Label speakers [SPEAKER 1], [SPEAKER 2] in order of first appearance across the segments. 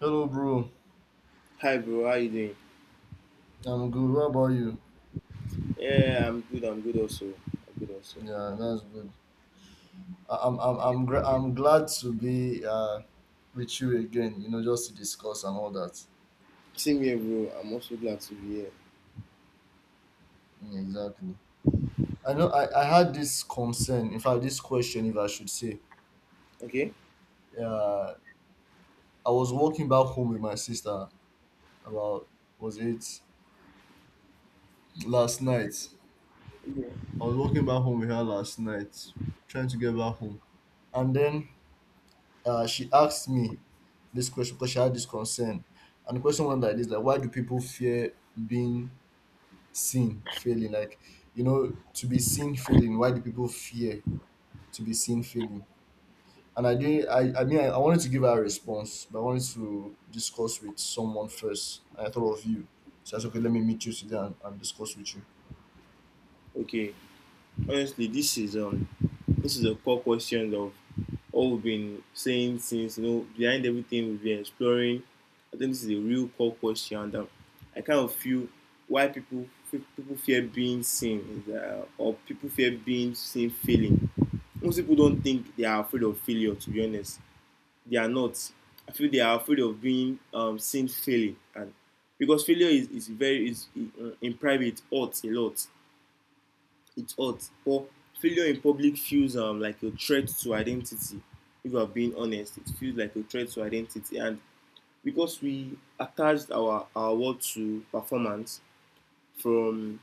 [SPEAKER 1] Hello, bro.
[SPEAKER 2] Hi bro, how you doing?
[SPEAKER 1] I'm good. What about you?
[SPEAKER 2] Yeah, I'm good. I'm good also. I'm good also.
[SPEAKER 1] Yeah, that's good. I'm glad to be with you again. Just to discuss and all that.
[SPEAKER 2] Same here, bro. I'm also glad to be here.
[SPEAKER 1] Mm, exactly. I know. I had this concern. In fact, this question, if I should say.
[SPEAKER 2] Okay.
[SPEAKER 1] Uh, I was walking back home with my sister, about, was it, last night.
[SPEAKER 2] Yeah.
[SPEAKER 1] I was walking back home with her last night, trying to get back home, and then she asked me this question because she had this concern. And the question went like this, like why do people fear being seen failing? Like, to be seen failing, why do people fear to be seen failing? And I didn't I mean, I wanted to give her a response, but I wanted to discuss with someone first. And I thought of you. So I said, okay, let me meet you today, and discuss with you.
[SPEAKER 2] Okay. Honestly, this is a core question of all we've been saying since you know behind everything we've been exploring. I think this is a real core question that I kind of feel why people fear being seen is, or people fear being seen failing. Most people don't think they are afraid of failure. To be honest, they are not. I feel they are afraid of being seen failing, and because failure is very is in private it hurts a lot. It hurts, but failure in public feels like a threat to identity. If you are being honest, it feels like a threat to identity, and because we attached our worth to performance from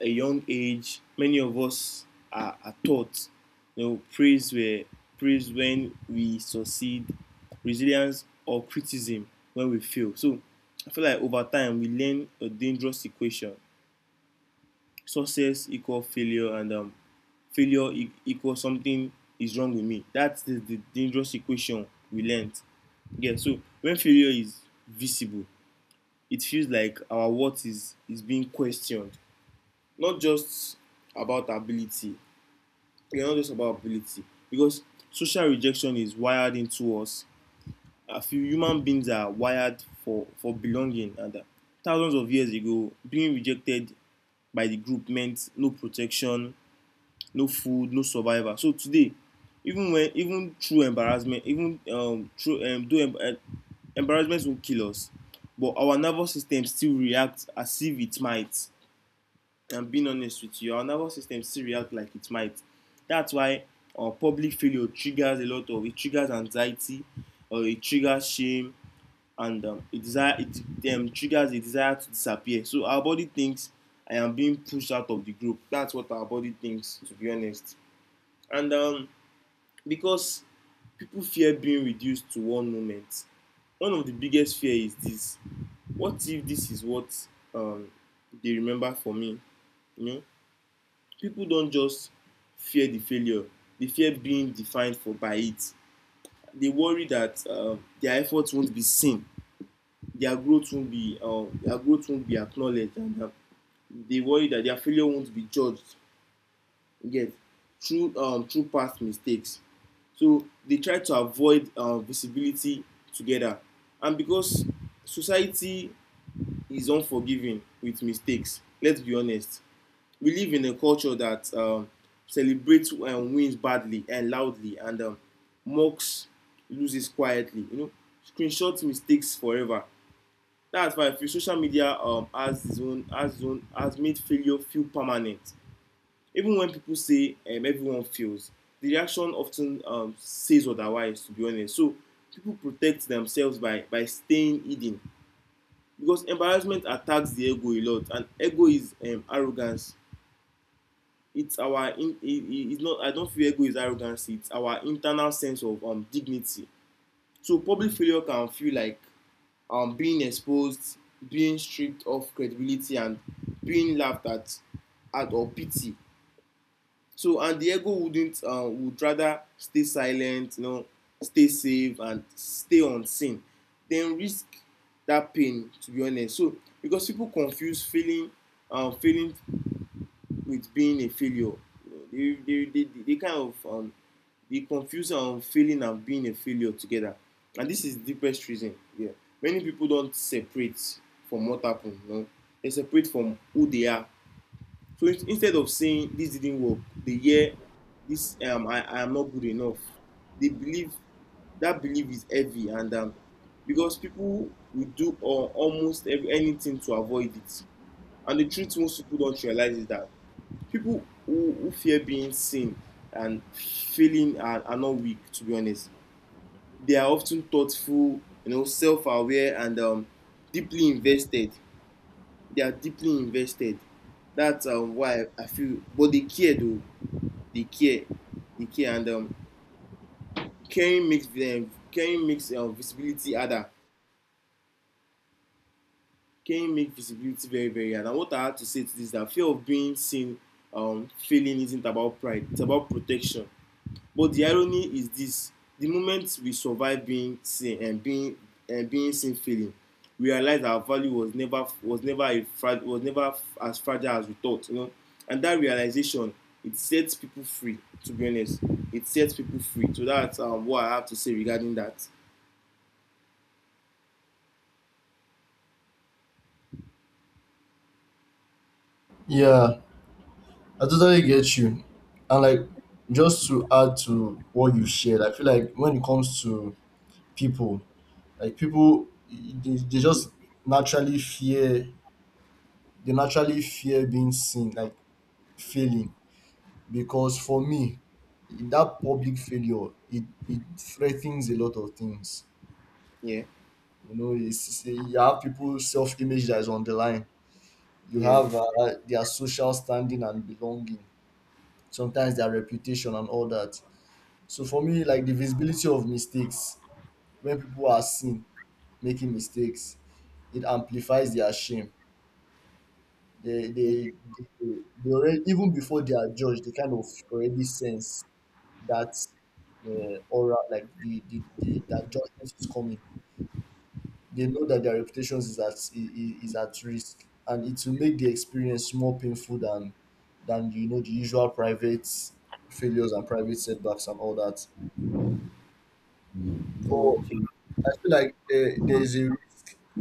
[SPEAKER 2] a young age, many of us are taught, you know, praise when we succeed, resilience or criticism when we fail. So I feel like over time we learn a dangerous equation: success equal failure, and equal something is wrong with me. That's the dangerous equation we learned. Yeah. So when failure is visible, it feels like our worth is being questioned, not just about ability we are not just about ability because social rejection is wired into us. I feel human beings are wired for belonging. And thousands of years ago, being rejected by the group meant no protection, no food, no survival. So today, even through embarrassment, even through though em- eh, embarrassment will kill us, but our nervous system still reacts as if it might. I'm being honest with you, our nervous system still reacts like it might. That's why public failure triggers a lot of it triggers anxiety, or it triggers shame, and it desire it triggers a desire to disappear. So our body thinks I am being pushed out of the group. That's what our body thinks, to be honest. And because people fear being reduced to one moment, one of the biggest fear is this: what if this is what um, they remember for me? You know, people don't just fear the failure, they fear being defined for by it. They worry that their efforts won't be seen, their growth won't be acknowledged, and they worry that their failure won't be judged yet through past mistakes, so they try to avoid visibility together. And because society is unforgiving with mistakes, let's be honest, we live in a culture that celebrates wins badly and loudly, and mocks loses quietly. You know, screenshots mistakes forever. That's why I feel social media has its own has its own has made failure feel permanent. Even when people say everyone fails, the reaction often says otherwise. To be honest, so people protect themselves by staying hidden because embarrassment attacks the ego a lot, and ego is arrogance it's our in, it, it's not I don't feel ego is arrogance. It's our internal sense of dignity. So public failure can feel like being exposed, being stripped of credibility, and being laughed at or pity. So and the ego wouldn't would rather stay silent, you know, stay safe and stay unseen then risk that pain, to be honest. So because people confuse feeling feeling with being a failure. They kind of they confuse failing and being a failure together. And this is the best reason. Yeah. Many people don't separate from what happened. You know? They separate from who they are. So instead of saying this didn't work, they hear this I am not good enough. They believe that belief is heavy, and because people will do anything to avoid it. And the truth most people don't realize is that people who fear being seen and failing are not weak, to be honest. They are often thoughtful, you know, self-aware, and deeply invested. They are deeply invested. That's why I feel but they care though. They care. They care. And caring makes visibility harder. Caring makes visibility very, very hard. And what I have to say to this is that fear of being seen failing isn't about pride, it's about protection. But the irony is this: the moment we survive being seen and being seen failing, we realize our value was never as fragile as we thought, you know. And that realization, it sets people free, to be honest. It sets people free. So that's what I have to say regarding that.
[SPEAKER 1] Yeah, I totally get you. And like, just to add to what you shared, I feel like when it comes to people, like people, they just naturally fear, they naturally fear being seen like failing, because for me that public failure, it threatens a lot of things.
[SPEAKER 2] Yeah,
[SPEAKER 1] You know it's, it's a- you have people self-image that is on the line, you
[SPEAKER 2] yeah.
[SPEAKER 1] have their social standing and belonging, sometimes their reputation and all that. So for me, like, the visibility of mistakes, when people are seen making mistakes, it amplifies their shame. They,
[SPEAKER 2] Okay.
[SPEAKER 1] they, they, they already, even before they are judged, they kind of already sense that aura, like the that judgment is coming. They know that their reputations is at is at risk, and it will make the experience more painful than the usual private failures and private setbacks and all that. But
[SPEAKER 2] Okay.
[SPEAKER 1] I feel like there is a,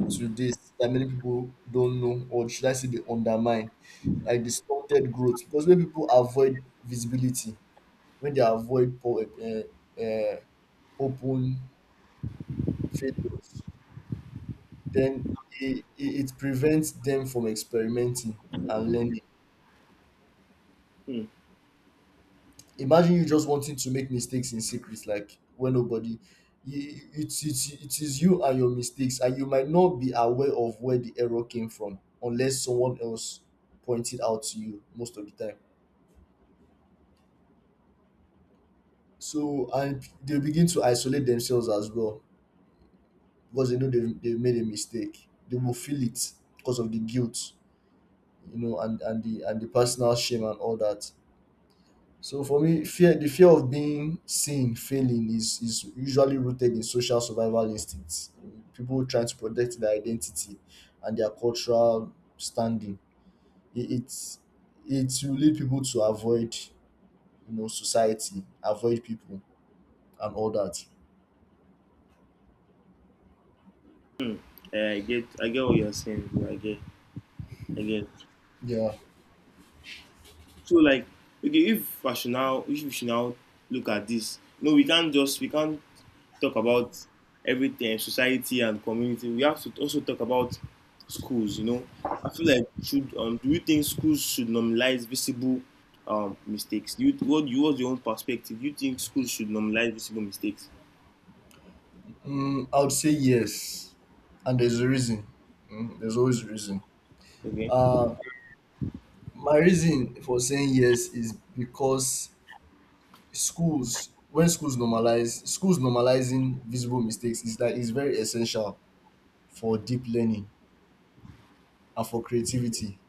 [SPEAKER 1] to this, that many people don't know, or should I say they undermine, like distorted growth. Because when people avoid visibility, when they avoid poor, open failures, then it prevents them from experimenting and learning.
[SPEAKER 2] Hmm.
[SPEAKER 1] Imagine you just wanting to make mistakes in secret, like when nobody. It, it, it is you and your mistakes, and you might not be aware of where the error came from unless someone else pointed out to you most of the time. So and they begin to isolate themselves as well, because they know they've made a mistake. They will feel it because of the guilt, and the personal shame and all that. So for me, fear the fear of being seen failing is usually rooted in social survival instincts, people trying to protect their identity and their cultural standing. It, it's it will lead people to avoid, society, avoid people and all that.
[SPEAKER 2] I get, I get what you're saying, bro. I get. I get.
[SPEAKER 1] Yeah.
[SPEAKER 2] So like okay, if we should now look at this, no, we can't talk about everything, society and community, we have to also talk about schools. You know, I feel like should do you think schools should normalize visible mistakes? Do you what you what's your own perspective? Do you think schools should normalize visible mistakes?
[SPEAKER 1] I would say yes, and there's a reason. There's always a reason.
[SPEAKER 2] Okay,
[SPEAKER 1] Uh, my reason for saying yes is because schools, when schools normalize, schools normalizing visible mistakes is that is very essential for deep learning and for creativity,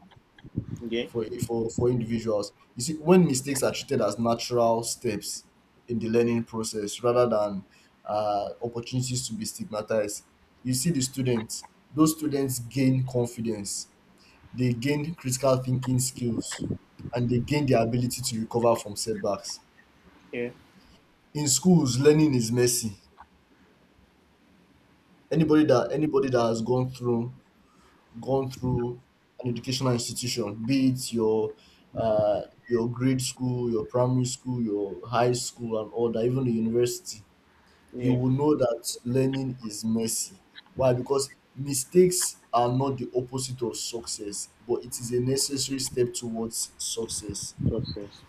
[SPEAKER 2] okay,
[SPEAKER 1] for individuals. You see, when mistakes are treated as natural steps in the learning process rather than opportunities to be stigmatized, you see the students. Those students gain confidence, they gain critical thinking skills, and they gain the ability to recover from setbacks.
[SPEAKER 2] yeah,
[SPEAKER 1] In schools, learning is messy. Anybody that has gone through an educational institution, be it your uh, your grade school, your primary school, your high school, and all that, even the university, you
[SPEAKER 2] yeah,
[SPEAKER 1] will know that learning is messy. Why? Because mistakes are not the opposite of success, but it is a necessary step towards success.
[SPEAKER 2] process,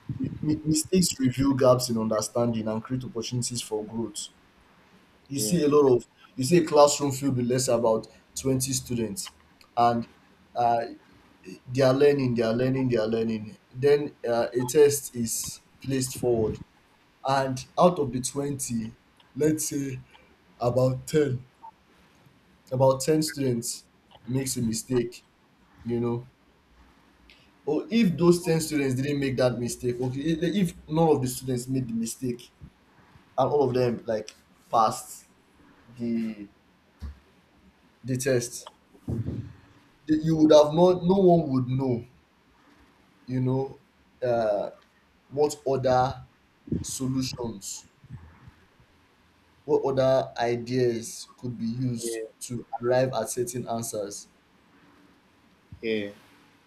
[SPEAKER 1] Mistakes reveal gaps in understanding and create opportunities for growth. You
[SPEAKER 2] yeah,
[SPEAKER 1] see a lot of you see a classroom filled with, let's say, about 20 students, and uh, they are learning, they are learning, they are learning. Then a test is placed forward, and out of the 20, let's say about ten, about ten, students makes a mistake. You know, or if those 10 students didn't make that mistake, okay, if none of the students made the mistake and all of them like passed the the test. You would have not, no one would know, you know, uh, what other solutions, what other ideas could be used
[SPEAKER 2] yeah,
[SPEAKER 1] to arrive at certain answers.
[SPEAKER 2] yeah,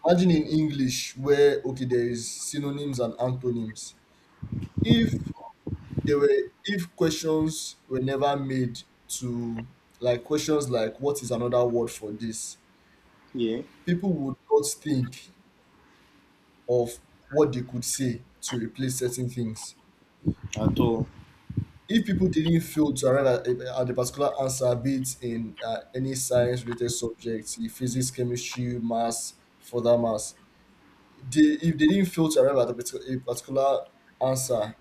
[SPEAKER 1] Imagine in English, where, okay, there is synonyms and antonyms. If there were, if questions were never made to, like, questions like what is another word for this,
[SPEAKER 2] yeah,
[SPEAKER 1] people would not think of what they could say to replace certain things.
[SPEAKER 2] at all,
[SPEAKER 1] If people didn't feel to arrive at, at a particular answer, be it in any science-related subject, in physics, chemistry, maths, for that mass, if they didn't feel to arrive at a particular answer,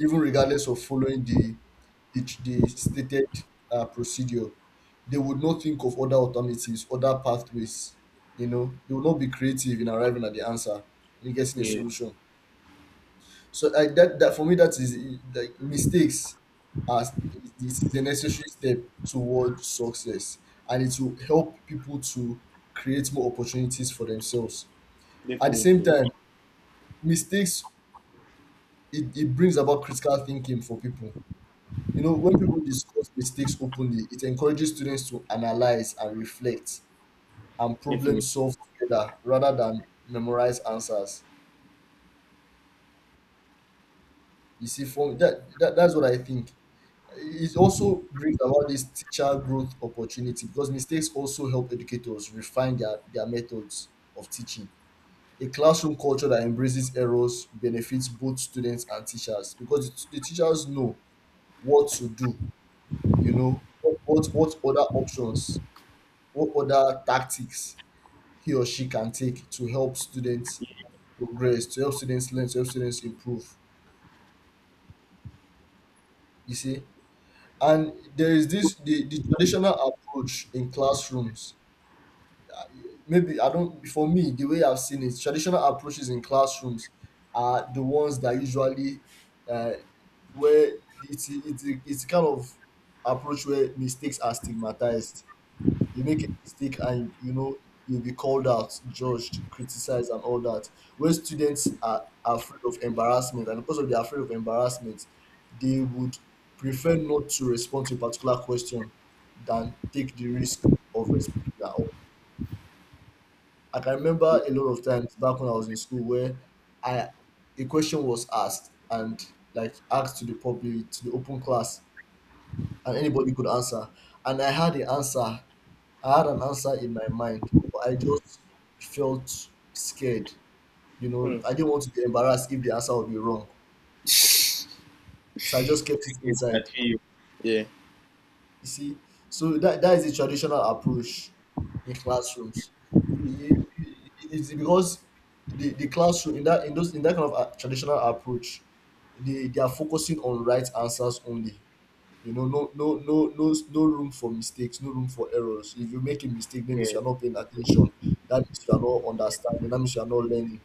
[SPEAKER 1] even regardless of following the stated procedure, they would not think of other alternatives, other pathways. You know, they would not be creative in arriving at the answer and getting a
[SPEAKER 2] yeah,
[SPEAKER 1] solution. So I that that for me that is, like mistakes as, this is a necessary step toward success, and it will help people to create more opportunities for themselves. At the same
[SPEAKER 2] definitely,
[SPEAKER 1] time, mistakes, it brings about critical thinking for people. You know, when people discuss mistakes openly, it encourages students to analyze and reflect and problem
[SPEAKER 2] definitely.
[SPEAKER 1] solve together rather than memorize answers. You see, for that, that that's what I think. It also brings about this teacher growth opportunity, because mistakes also help educators refine their methods of teaching. A classroom culture that embraces errors benefits both students and teachers, because the teachers know what to do, you know, what other options, what other tactics he or she can take to help students progress, to help students learn, to help students improve. You see? And there is this, the traditional approach in classrooms, maybe I don't. For me, the way I've seen it, traditional approaches in classrooms are the ones that usually, uh, where it's, it's kind of approach where mistakes are stigmatized. You make a mistake, and you know you'll be called out, judged, criticized, and all that. Where students are afraid of embarrassment, and because of they're afraid of embarrassment, they would prefer not to respond to a particular question than take the risk of responding. Like, I can remember a lot of times back when I was in school, where I a question was asked, and, like, asked to the public, to the open class, and anybody could answer. And I had the answer. I had an answer in my mind, but I just felt scared. You know,
[SPEAKER 2] Hmm.
[SPEAKER 1] I didn't want to be embarrassed if the answer would be wrong. So I just kept it
[SPEAKER 2] I get. I
[SPEAKER 1] inside.
[SPEAKER 2] feel you. Yeah,
[SPEAKER 1] You see, so that is a traditional approach in classrooms. You- you- you- It's because the classroom in that, in that kind of traditional approach, they are focusing on right answers only. You know, no, no, no, no, no room for mistakes, no room for errors. If you make a mistake, that means
[SPEAKER 2] yeah,
[SPEAKER 1] you are not paying attention. That means you are not understanding. That means you are not learning.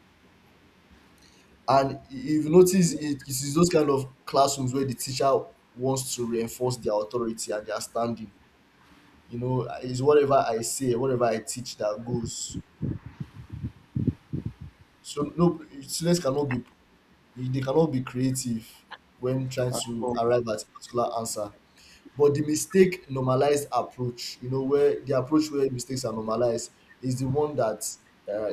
[SPEAKER 1] And if you notice, it is those kind of classrooms where the teacher wants to reinforce their authority and their standing, it's whatever I say, whatever I teach that goes. So no, students cannot be creative when trying
[SPEAKER 2] at
[SPEAKER 1] to
[SPEAKER 2] all,
[SPEAKER 1] arrive at a particular answer. But the mistake normalized approach, you know, where the approach where mistakes are normalized is the one that, uh,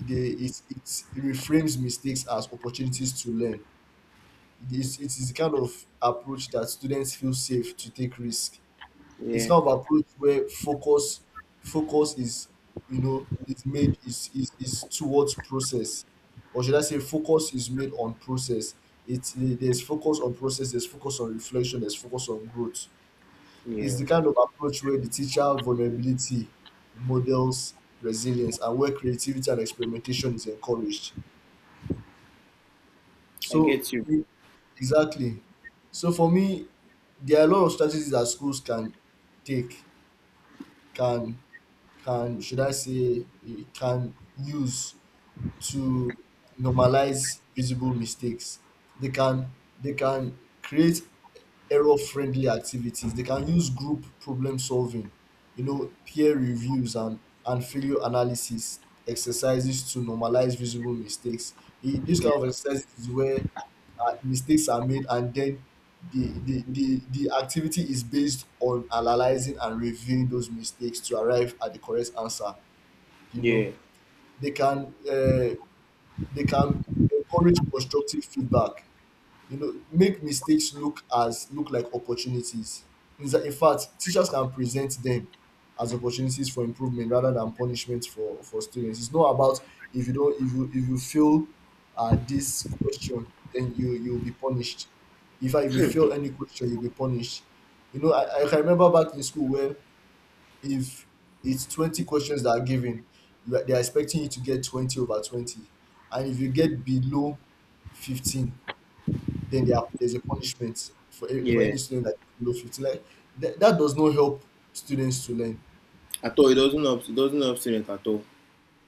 [SPEAKER 1] it reframes mistakes as opportunities to learn. It is the kind of approach that students feel safe to take risk. It's
[SPEAKER 2] yeah,
[SPEAKER 1] kind of approach where focus is, is made, is towards process, or should I say focus is made on process. It's there's focus on process, there's focus on reflection, there's focus on growth. It's
[SPEAKER 2] yeah.
[SPEAKER 1] the kind of approach where the teacher vulnerability models resilience, and where creativity and experimentation is encouraged.
[SPEAKER 2] I
[SPEAKER 1] So
[SPEAKER 2] get you.
[SPEAKER 1] e- exactly. So for me, there are a lot of strategies that schools can take can can should I say, it can use to normalize visible mistakes. They can they can create error friendly activities. They can use group problem solving, peer reviews, and failure analysis exercises to normalize visible mistakes. This
[SPEAKER 2] Yeah,
[SPEAKER 1] kind of exercises is where mistakes are made, and then the activity is based on analyzing and reviewing those mistakes to arrive at the correct answer. You
[SPEAKER 2] yeah.
[SPEAKER 1] know, they can uh, they can encourage constructive feedback, you know, make mistakes look as look like opportunities. In fact, teachers can present them as opportunities for improvement rather than punishment. For students, it's not about if you, if you fail this question, then you'll be punished. In fact, if you fail any question, you'll be punished. You know, I can remember back in school where if it's 20 questions that are given, you are, they are expecting you to get 20 over 20, and if you get below 15, there's a punishment for for
[SPEAKER 2] Yeah,
[SPEAKER 1] any student that is below 50. Like that does not help students to learn.
[SPEAKER 2] at all. It doesn't help. It doesn't help students at all.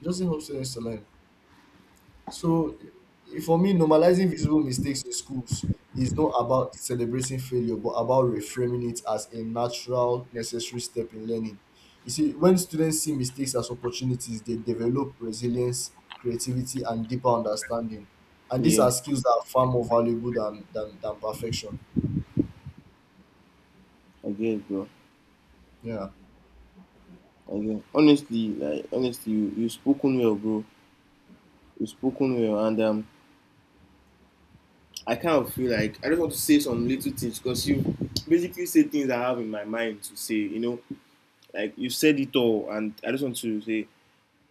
[SPEAKER 1] It doesn't help students to learn. So for me, normalizing visible mistakes in schools is not about celebrating failure but about reframing it as a natural, necessary step in learning. You see, when students see mistakes as opportunities, they develop resilience, creativity, and deeper understanding, and these
[SPEAKER 2] Yeah,
[SPEAKER 1] are skills that are far more valuable than perfection.
[SPEAKER 2] I guess, bro.
[SPEAKER 1] Yeah.
[SPEAKER 2] I guess. Honestly, like honestly, you spoken well, bro. You spoken well, and I kind of feel like I just want to say some little things because you basically say things I have in my mind to say. You know, like you said it all, and I just want to say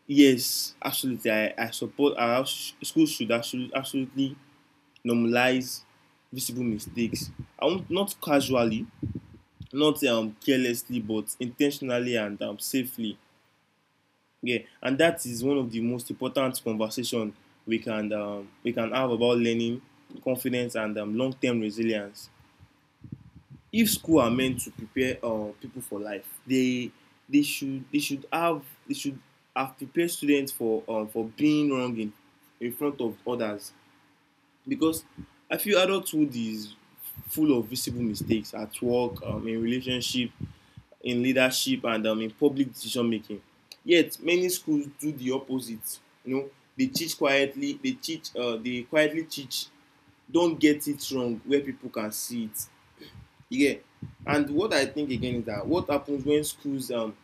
[SPEAKER 2] yes, absolutely. I support our schools should absolutely, absolutely normalize visible mistakes. I want not casually, not carelessly but intentionally and safely. Yeah, and that is one of the most important conversations we can have about learning, confidence, and long-term resilience. If school are meant to prepare people for life, they should they should have they should have prepared students for being wrong in front of others because I feel adulthood is full of visible mistakes at work, in relationship, in leadership, and in public decision making. Yet many schools do the opposite. You know, they teach quietly, they quietly teach, don't get it wrong where people can see it. Yeah. And what I think again is that what happens when schools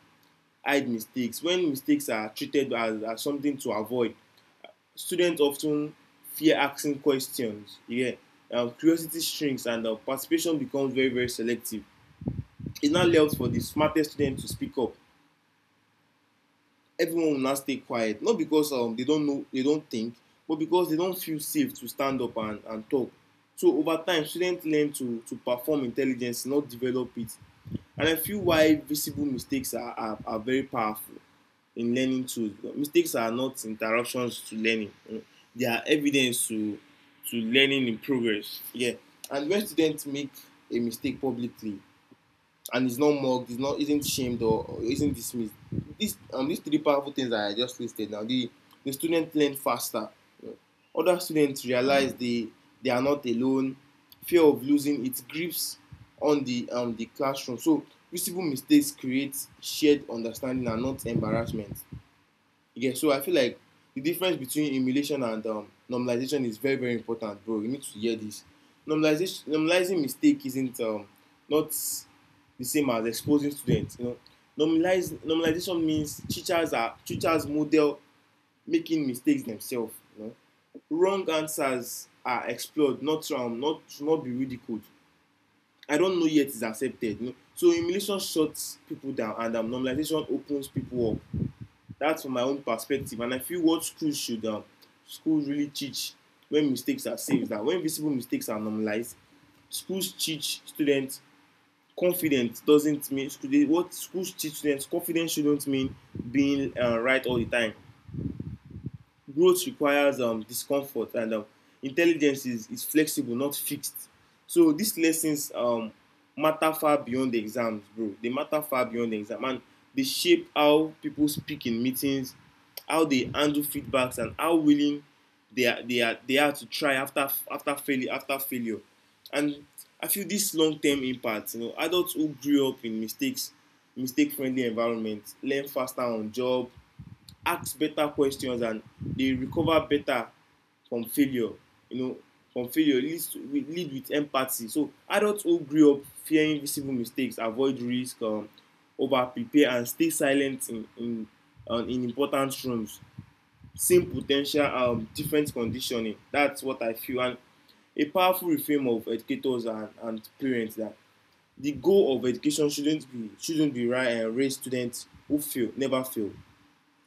[SPEAKER 2] hide mistakes, when mistakes are treated as something to avoid, students often fear asking questions. Yeah. Curiosity shrinks and participation becomes very, very selective. It now allows for the smartest students to speak up. Everyone will not stay quiet, not because they don't think, but because they don't feel safe to stand up and talk. So over time students learn to perform intelligence not develop it. And I feel why visible mistakes are very powerful in learning tools. Mistakes are not interruptions to learning. Mm. They are evidence to learning in progress. Yeah. And when students make a mistake publicly and is not mocked, is not isn't shamed, or isn't dismissed. These three powerful things that I just listed now, the student learn faster. You know. Other students realize they are not alone. Fear of losing its grips on the classroom. So visible mistakes create shared understanding and not embarrassment. Yeah, so I feel like the difference between emulation and normalization is very, very important, bro. You need to hear this. Normalization, normalizing mistake isn't not the same as exposing students. You know, normalize normalization means teachers model making mistakes themselves. You know, wrong answers are explored, not be ridiculed. I don't know yet is accepted. You know? So emulation shuts people down, and normalization opens people up. That's from my own perspective, and I feel what schools should schools really teach when mistakes are saved. That when visible mistakes are normalized, schools teach students confidence doesn't mean, what schools teach students confidence shouldn't mean being right all the time. Growth requires discomfort and intelligence is flexible not fixed. So these lessons matter far beyond the exams, bro. They matter far beyond the exam, and they shape how people speak in meetings, how they handle feedbacks, and how willing they are to try after after failure. And I feel this long-term impact, you know, adults who grew up in mistakes mistake-friendly environments learn faster on job. Ask better questions, and they recover better from failure. You know, from failure leads to, we lead with empathy. So adults who grew up fearing visible mistakes avoid risk, over prepare, and stay silent in important rooms. Same potential, different conditioning, that's what I feel. And a powerful reframe of educators and parents, that the goal of education shouldn't be right and raise students who fail never fail,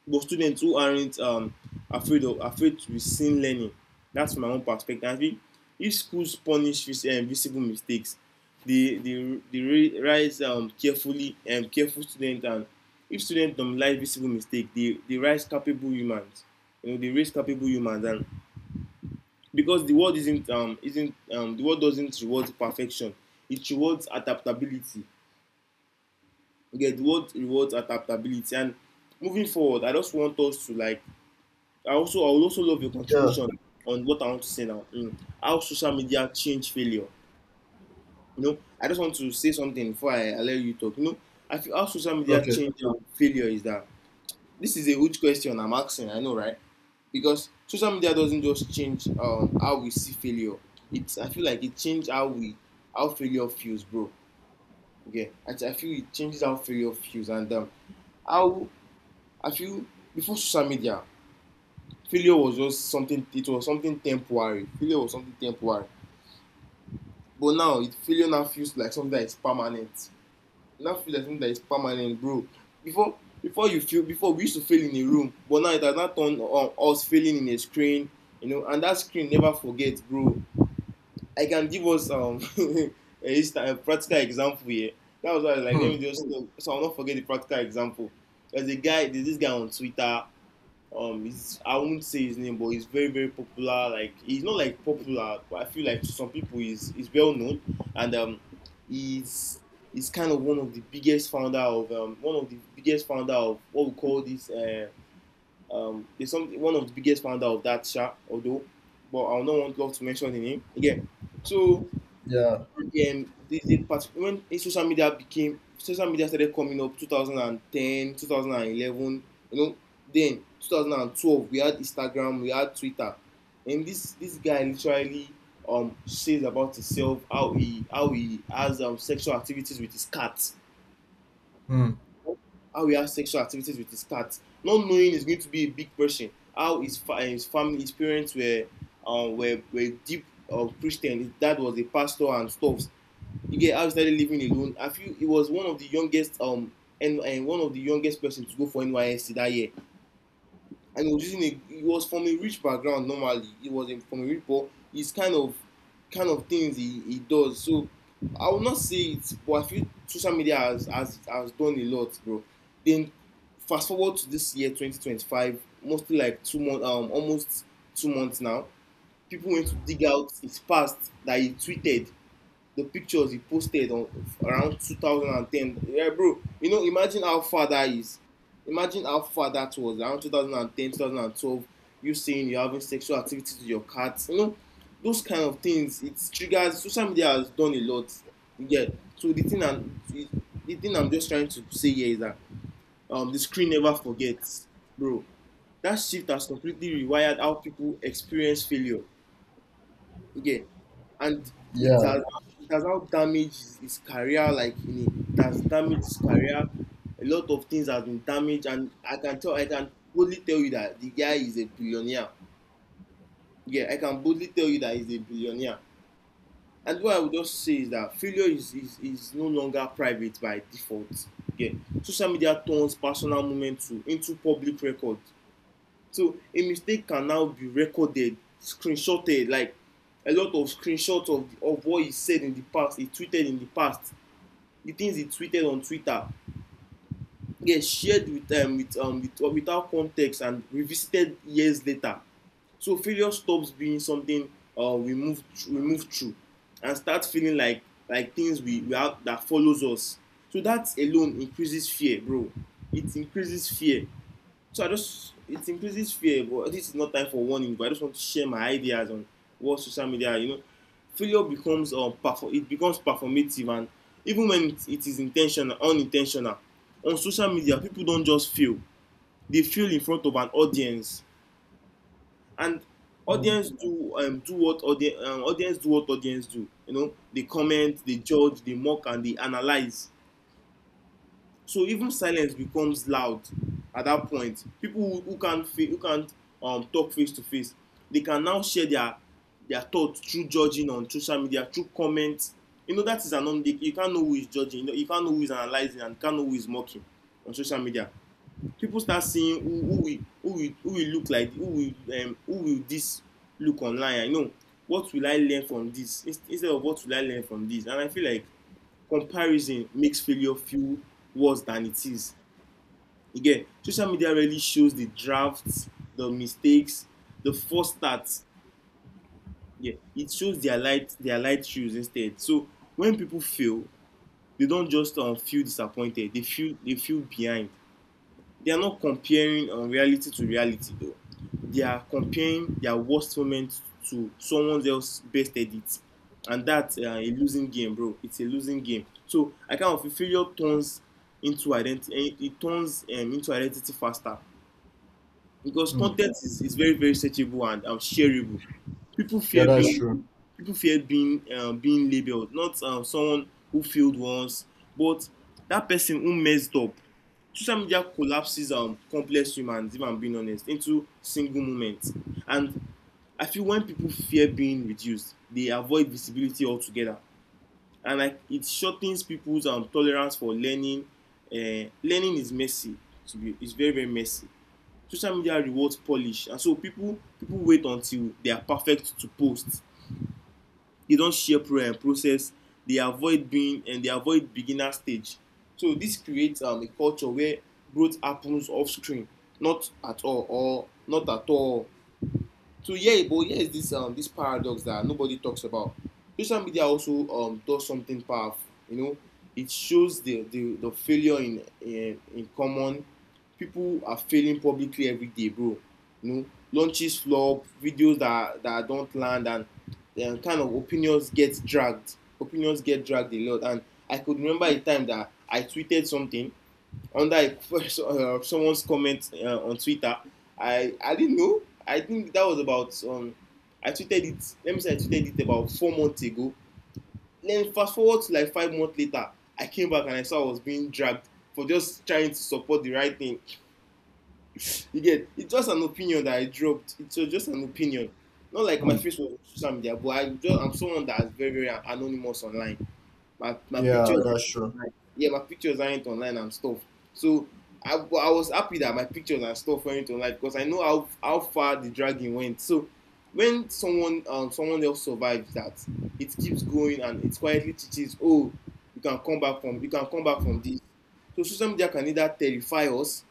[SPEAKER 2] but students who aren't afraid to be seen learning. That's my own perspective. I think if schools punish visible mistakes, they rise carefully and careful student. And if students don't like visible mistake, they rise capable humans. You know, they raise capable humans. And because the world isn't, the world doesn't reward perfection. It rewards adaptability. Okay, the world rewards adaptability. And moving forward, I just want us to, like, I also, I would also love your
[SPEAKER 1] Yeah.
[SPEAKER 2] contribution on what I want to say now. Mm. How social media change failure. You know, I just want to say something before I, allow let you talk. You know, I feel how social media
[SPEAKER 1] Okay.
[SPEAKER 2] change failure is that, this is a huge question I'm asking. I know, right? Because social media doesn't just change how we see failure. It's, I feel like it changed how we, how failure feels, bro. Okay, I feel it changes how failure feels and how I feel. Before social media, failure was just something, it was something temporary. But now, it failure now feels like something that is permanent. It now feels like something that is permanent, bro. Before before you feel before we used to fail in a room, but now it has not turned on, us failing in a screen. You know, and that screen never forget, bro. I can give us a, a practical example here. That was why I was like, let me
[SPEAKER 1] Hmm.
[SPEAKER 2] just, so I'll not forget the practical example. There's this guy on Twitter. He's, I won't say his name, but he's very very popular. Like, he's not like popular, but I feel like to some people he's well known. And um, he's he's kind of one of the biggest founder of one of the biggest founder of what we call this, there's some, one of the biggest founder of that shop, although, but I don't want love to mention the name again. So
[SPEAKER 1] Yeah.
[SPEAKER 2] the when social media became, social media started coming up 2010, 2011, you know. Then 2012 we had Instagram, we had Twitter. And this guy literally says about himself how he, how he has sexual activities with his cat.
[SPEAKER 1] Hmm.
[SPEAKER 2] How he has sexual activities with his cat, not knowing he's going to be a big person. How his family, his parents were deep Christian. His dad was a pastor and stuff, you get. How he started living alone, I feel it was one of the youngest and one of the youngest person to go for NYSC that year. And he was using, a, he was from a rich background normally. He was in, from a rich, but his kind of, kind of things he does. So I will not say it, but I feel social media has done a lot, bro. Then fast forward to this year, 2025, mostly like 2 months, almost 2 months now, people went to dig out his past, that he tweeted the pictures he posted on around 2010. Yeah, bro. You know, imagine how far that is. Imagine how far that was, around 2010, 2012. You saying you're having sexual activity with your cats. You know, those kind of things. It triggers. Social media has done a lot. Yeah. So the thing I'm just trying to say here is that the screen never forgets, bro. That shift has completely rewired how people experience failure. Yeah, and it
[SPEAKER 1] Yeah.
[SPEAKER 2] has, it has now damaged his career. Like in a, it has damaged his career. A lot of things have been damaged, and I can boldly tell you that the guy is a billionaire. Yeah, I can boldly tell you that he's a billionaire. And what I would just say is that failure is no longer private by default. Yeah, social media turns personal moments to into public records. So a mistake can now be recorded, screenshotted, like a lot of screenshots of what he said in the past, he tweeted in the past, the things he tweeted on Twitter, get shared without context and revisited years later. So failure stops being something we move through and start feeling like things we have that follows us. So that alone increases fear, bro. It increases fear. So I just it increases fear, but this is not time for warning. But I just want to share my ideas on what social media. You know, failure becomes it becomes performative, and even when it is intentional, unintentional, on social media people don't just fail; they fail in front of an audience. And
[SPEAKER 1] Hmm.
[SPEAKER 2] audience do what audience do. You know, they comment, they judge, they mock, and they analyze. So even silence becomes loud. At that point, people who can't talk face to face, they can now share their thoughts through judging on social media through comments. You know, that is anon, they, you can't know who is judging you, know, you can't know who is analyzing, and you can't know who is mocking on social media. People start seeing who will look like, who will this look online. You know, what will I learn from this. And I feel like comparison makes failure feel worse than it is. Again, social media really shows the drafts, the mistakes, the false starts. Yeah, it shows their light, their light shoes instead. So when people fail, they don't just feel disappointed. They feel behind. They are not comparing reality to reality though. They are comparing their worst moment to someone else's best edit. And that's a losing game, bro. It's a losing game. So I kind of feel failure turns into identity. It turns into identity faster, because
[SPEAKER 1] Hmm.
[SPEAKER 2] content is very very searchable and shareable. people
[SPEAKER 1] Yeah,
[SPEAKER 2] fear
[SPEAKER 1] that's
[SPEAKER 2] being
[SPEAKER 1] true.
[SPEAKER 2] People fear being being labeled not someone who failed once, but that person who messed up. Social media collapses complex humans, if I'm being honest, into single moments. And I feel when people fear being reduced, they avoid visibility altogether. And like it shortens people's tolerance for learning. Learning is messy. To be, it's very very messy. Social media rewards polish, and so people wait until they are perfect to post. They don share process. They avoid being they avoid beginner stage. So this creates a culture where growth happens off screen. Not at all, or not at all. So yeah, but here is this this paradox that nobody talks about. Social media also does something powerful. You know, it shows the failure in common. People are failing publicly every day, bro. You know, launches flop, videos that don't land, and kind of opinions get dragged. Opinions get dragged a lot. And I could remember a time that I tweeted something under someone's comment on Twitter. I didn't know. I think that was about I tweeted it. Let me say I tweeted it about 4 months ago. Then fast forward to like 5 months later, I came back and I saw I was being dragged for just trying to support the right thing. You get, it's just an opinion that I dropped. It's just an opinion. Not like my
[SPEAKER 1] Hmm.
[SPEAKER 2] face was on social media, but I just, I'm someone that is very very anonymous online. My
[SPEAKER 1] Yeah,
[SPEAKER 2] pictures,
[SPEAKER 1] that's true.
[SPEAKER 2] right. Yeah, my pictures aren't online and stuff. So I was happy that my pictures and stuff went online, because I know how far the dragging went. So when someone someone else survives that, it keeps going, and it quietly teaches. Oh, you can come back from this. So social media can either terrify us,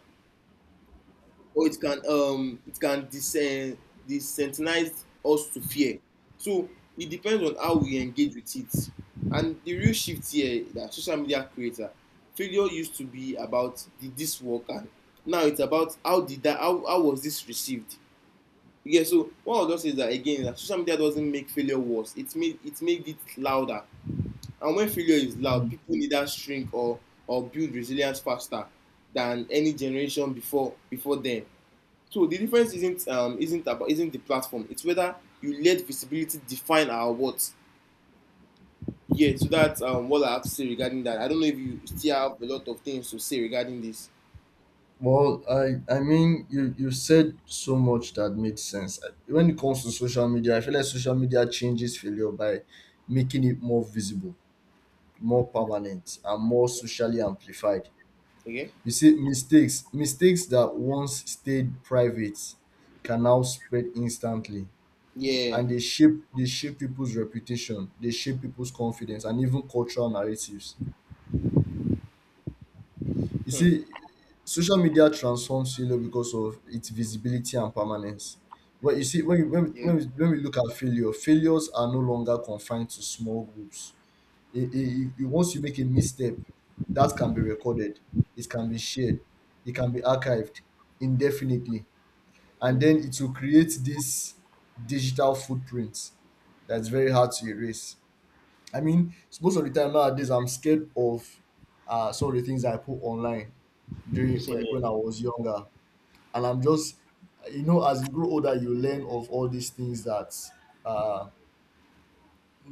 [SPEAKER 2] or it can desensitize us to fear. So it depends on how we engage with it. And the real shift here that social media creator, failure used to be about did this work. And now it's about how did that, how was this received. Yeah, so what I'll just say is that again, that social media doesn't make failure worse, it made, it made it louder. And when failure is loud,
[SPEAKER 1] Hmm.
[SPEAKER 2] people either shrink or build resilience faster than any generation before then. So the difference isn't about isn't the platform. It's whether you let visibility define our what. Yeah, so that's what I have to say regarding that. I don't know if you still have a lot of things to say regarding this.
[SPEAKER 1] Well, I mean, you said so much that made sense. When it comes to social media, I feel like social media changes failure by making it more visible, more permanent, and more socially amplified.
[SPEAKER 2] Okay?
[SPEAKER 1] You see, mistakes that once stayed private can now spread instantly,
[SPEAKER 2] Yeah.
[SPEAKER 1] and they shape people's reputation, they shape people's confidence, and even cultural narratives. You
[SPEAKER 2] Hmm.
[SPEAKER 1] see, social media transforms failure because of its visibility and permanence. Well, you see, when you, when, we-
[SPEAKER 2] Yeah.
[SPEAKER 1] when, we, when we look at failure, failures are no longer confined to small groups. Once you make a misstep, that can be recorded, it can be shared, it can be archived indefinitely, and
[SPEAKER 2] Yeah.
[SPEAKER 1] then it will create this digital footprint that's very hard to erase. I mean, most of the time nowadays, I'm scared of some of the things I put online during,
[SPEAKER 2] Same
[SPEAKER 1] like,
[SPEAKER 2] here.
[SPEAKER 1] when I was younger. And I'm just, you know, as you grow older, you learn of all these things, that uh,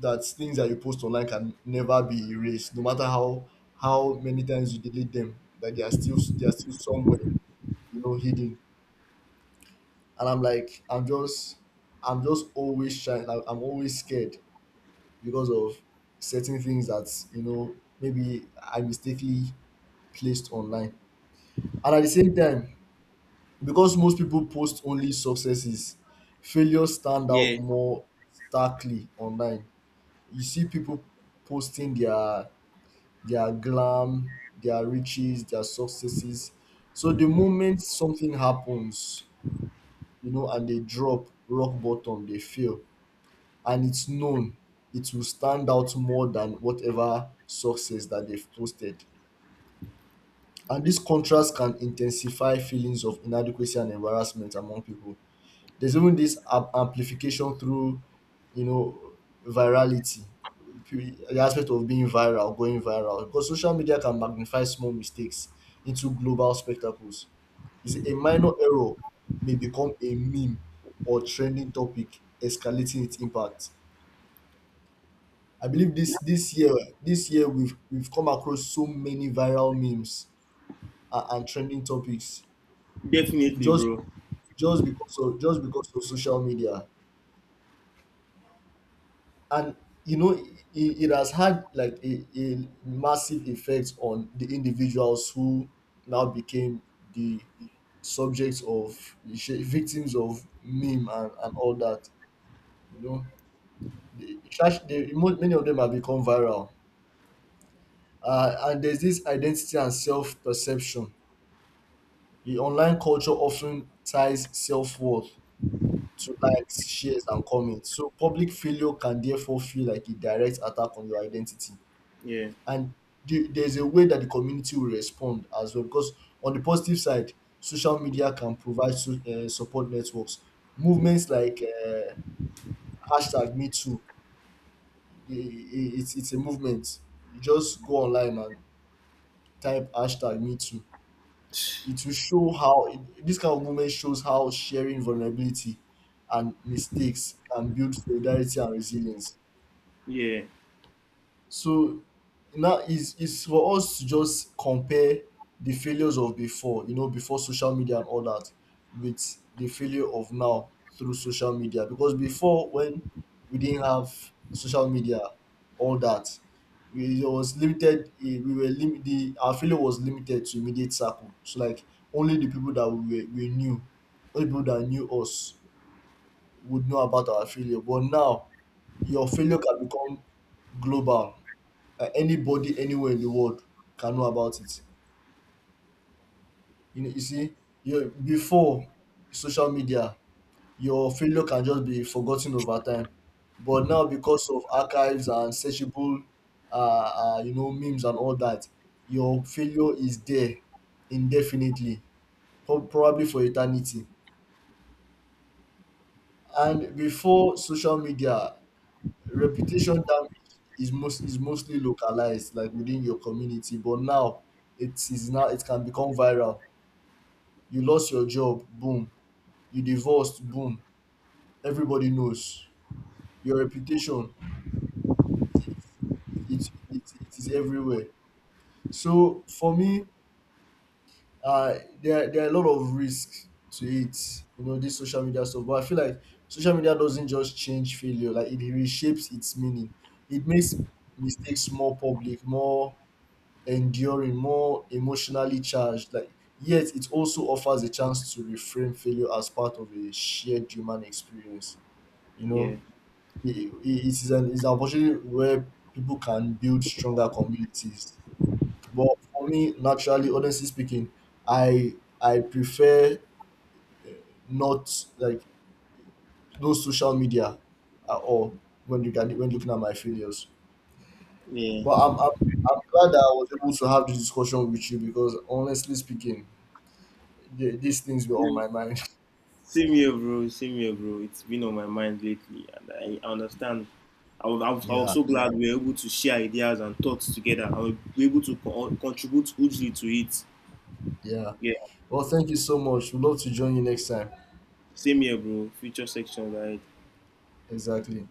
[SPEAKER 1] things that you post online can never be erased, no matter how many times you delete them, that they are still, they are still somewhere, you know, hidden. And I'm like, I'm just always shy. Like, I'm always scared because of certain things that, you know, maybe I mistakenly placed online. And at the same time, because most people post only successes, failures stand out
[SPEAKER 2] Yeah.
[SPEAKER 1] more starkly online. You see people posting their glam, their riches, their successes. So the moment something happens, you know, and they drop rock bottom, they fail, and it's known, it will stand out more than whatever success that they've posted. And this contrast can intensify feelings of inadequacy and embarrassment among people. There's even this amplification through, you know, virality, the aspect of being viral, going viral, because social media can magnify small mistakes into global spectacles. You see, a minor error may become a meme or trending topic, escalating its impact. I believe this year, we've come across so many viral memes and trending topics
[SPEAKER 2] Definitely,
[SPEAKER 1] just
[SPEAKER 2] bro.
[SPEAKER 1] just because of social media. And you know, it has had, like, a massive effect on the individuals who now became the subjects of the sh- victims of meme and all that. You know, they, trash- they, mo- many of them have become viral. And there's this identity and self-perception. The online culture often ties self-worth to likes, shares, and comments. So public failure can therefore feel like a direct attack on your identity.
[SPEAKER 2] Yeah.
[SPEAKER 1] And there's a way that the community will respond as well. Because on the positive side, social media can provide support networks. Movements like hashtag Me Too. It's a movement. You just go online and type hashtag Me Too. It will show how, it, this kind of moment shows how sharing vulnerability and mistakes can build solidarity and resilience.
[SPEAKER 2] Yeah.
[SPEAKER 1] So now is for us to just compare the failures of before, you know, before social media and all that, with the failure of now through social media. Because before, when we didn't have social media, all that, we, it was limited, the our failure was limited to immediate circle. So, like, only the people that we knew, only people that knew us would know about our failure. But now your failure can become global. Anybody anywhere in the world can know about it. You know, you see, you before social media, your failure can just be forgotten over time. But now, because of archives and searchable, you know, memes and all that, your failure is there indefinitely, probably for eternity. And before social media, reputation damage is mostly localized, like within your community. But now, it is now it can become viral. You lost your job, boom. You divorced, boom. Everybody knows your reputation. it, it, It is everywhere. So for me, uh there, there are a lot of risks to it, you know, this social media stuff. But I feel like social media doesn't just change failure, like, it reshapes its meaning. It makes mistakes more public, more enduring, more emotionally charged, like, yet it also offers a chance to reframe failure as part of a shared human experience. You
[SPEAKER 2] Yeah.
[SPEAKER 1] know, it's an opportunity where people can build stronger communities. But for me, naturally, honestly speaking, I prefer uh, not, like, no social media at all when you can, when looking at my failures.
[SPEAKER 2] Yeah.
[SPEAKER 1] But I'm glad that I was able to have this discussion with you, because honestly speaking, these things were on my mind.
[SPEAKER 2] Same here, bro. Same here, bro. It's been on my mind lately, and I understand. I was
[SPEAKER 1] Yeah,
[SPEAKER 2] so glad we were able to share ideas and thoughts together, and we were able to contribute hugely to it.
[SPEAKER 1] yeah.
[SPEAKER 2] Yeah,
[SPEAKER 1] Well, thank you so much. We'd love to join you next time.
[SPEAKER 2] same here, bro. Future section, right?
[SPEAKER 1] Exactly.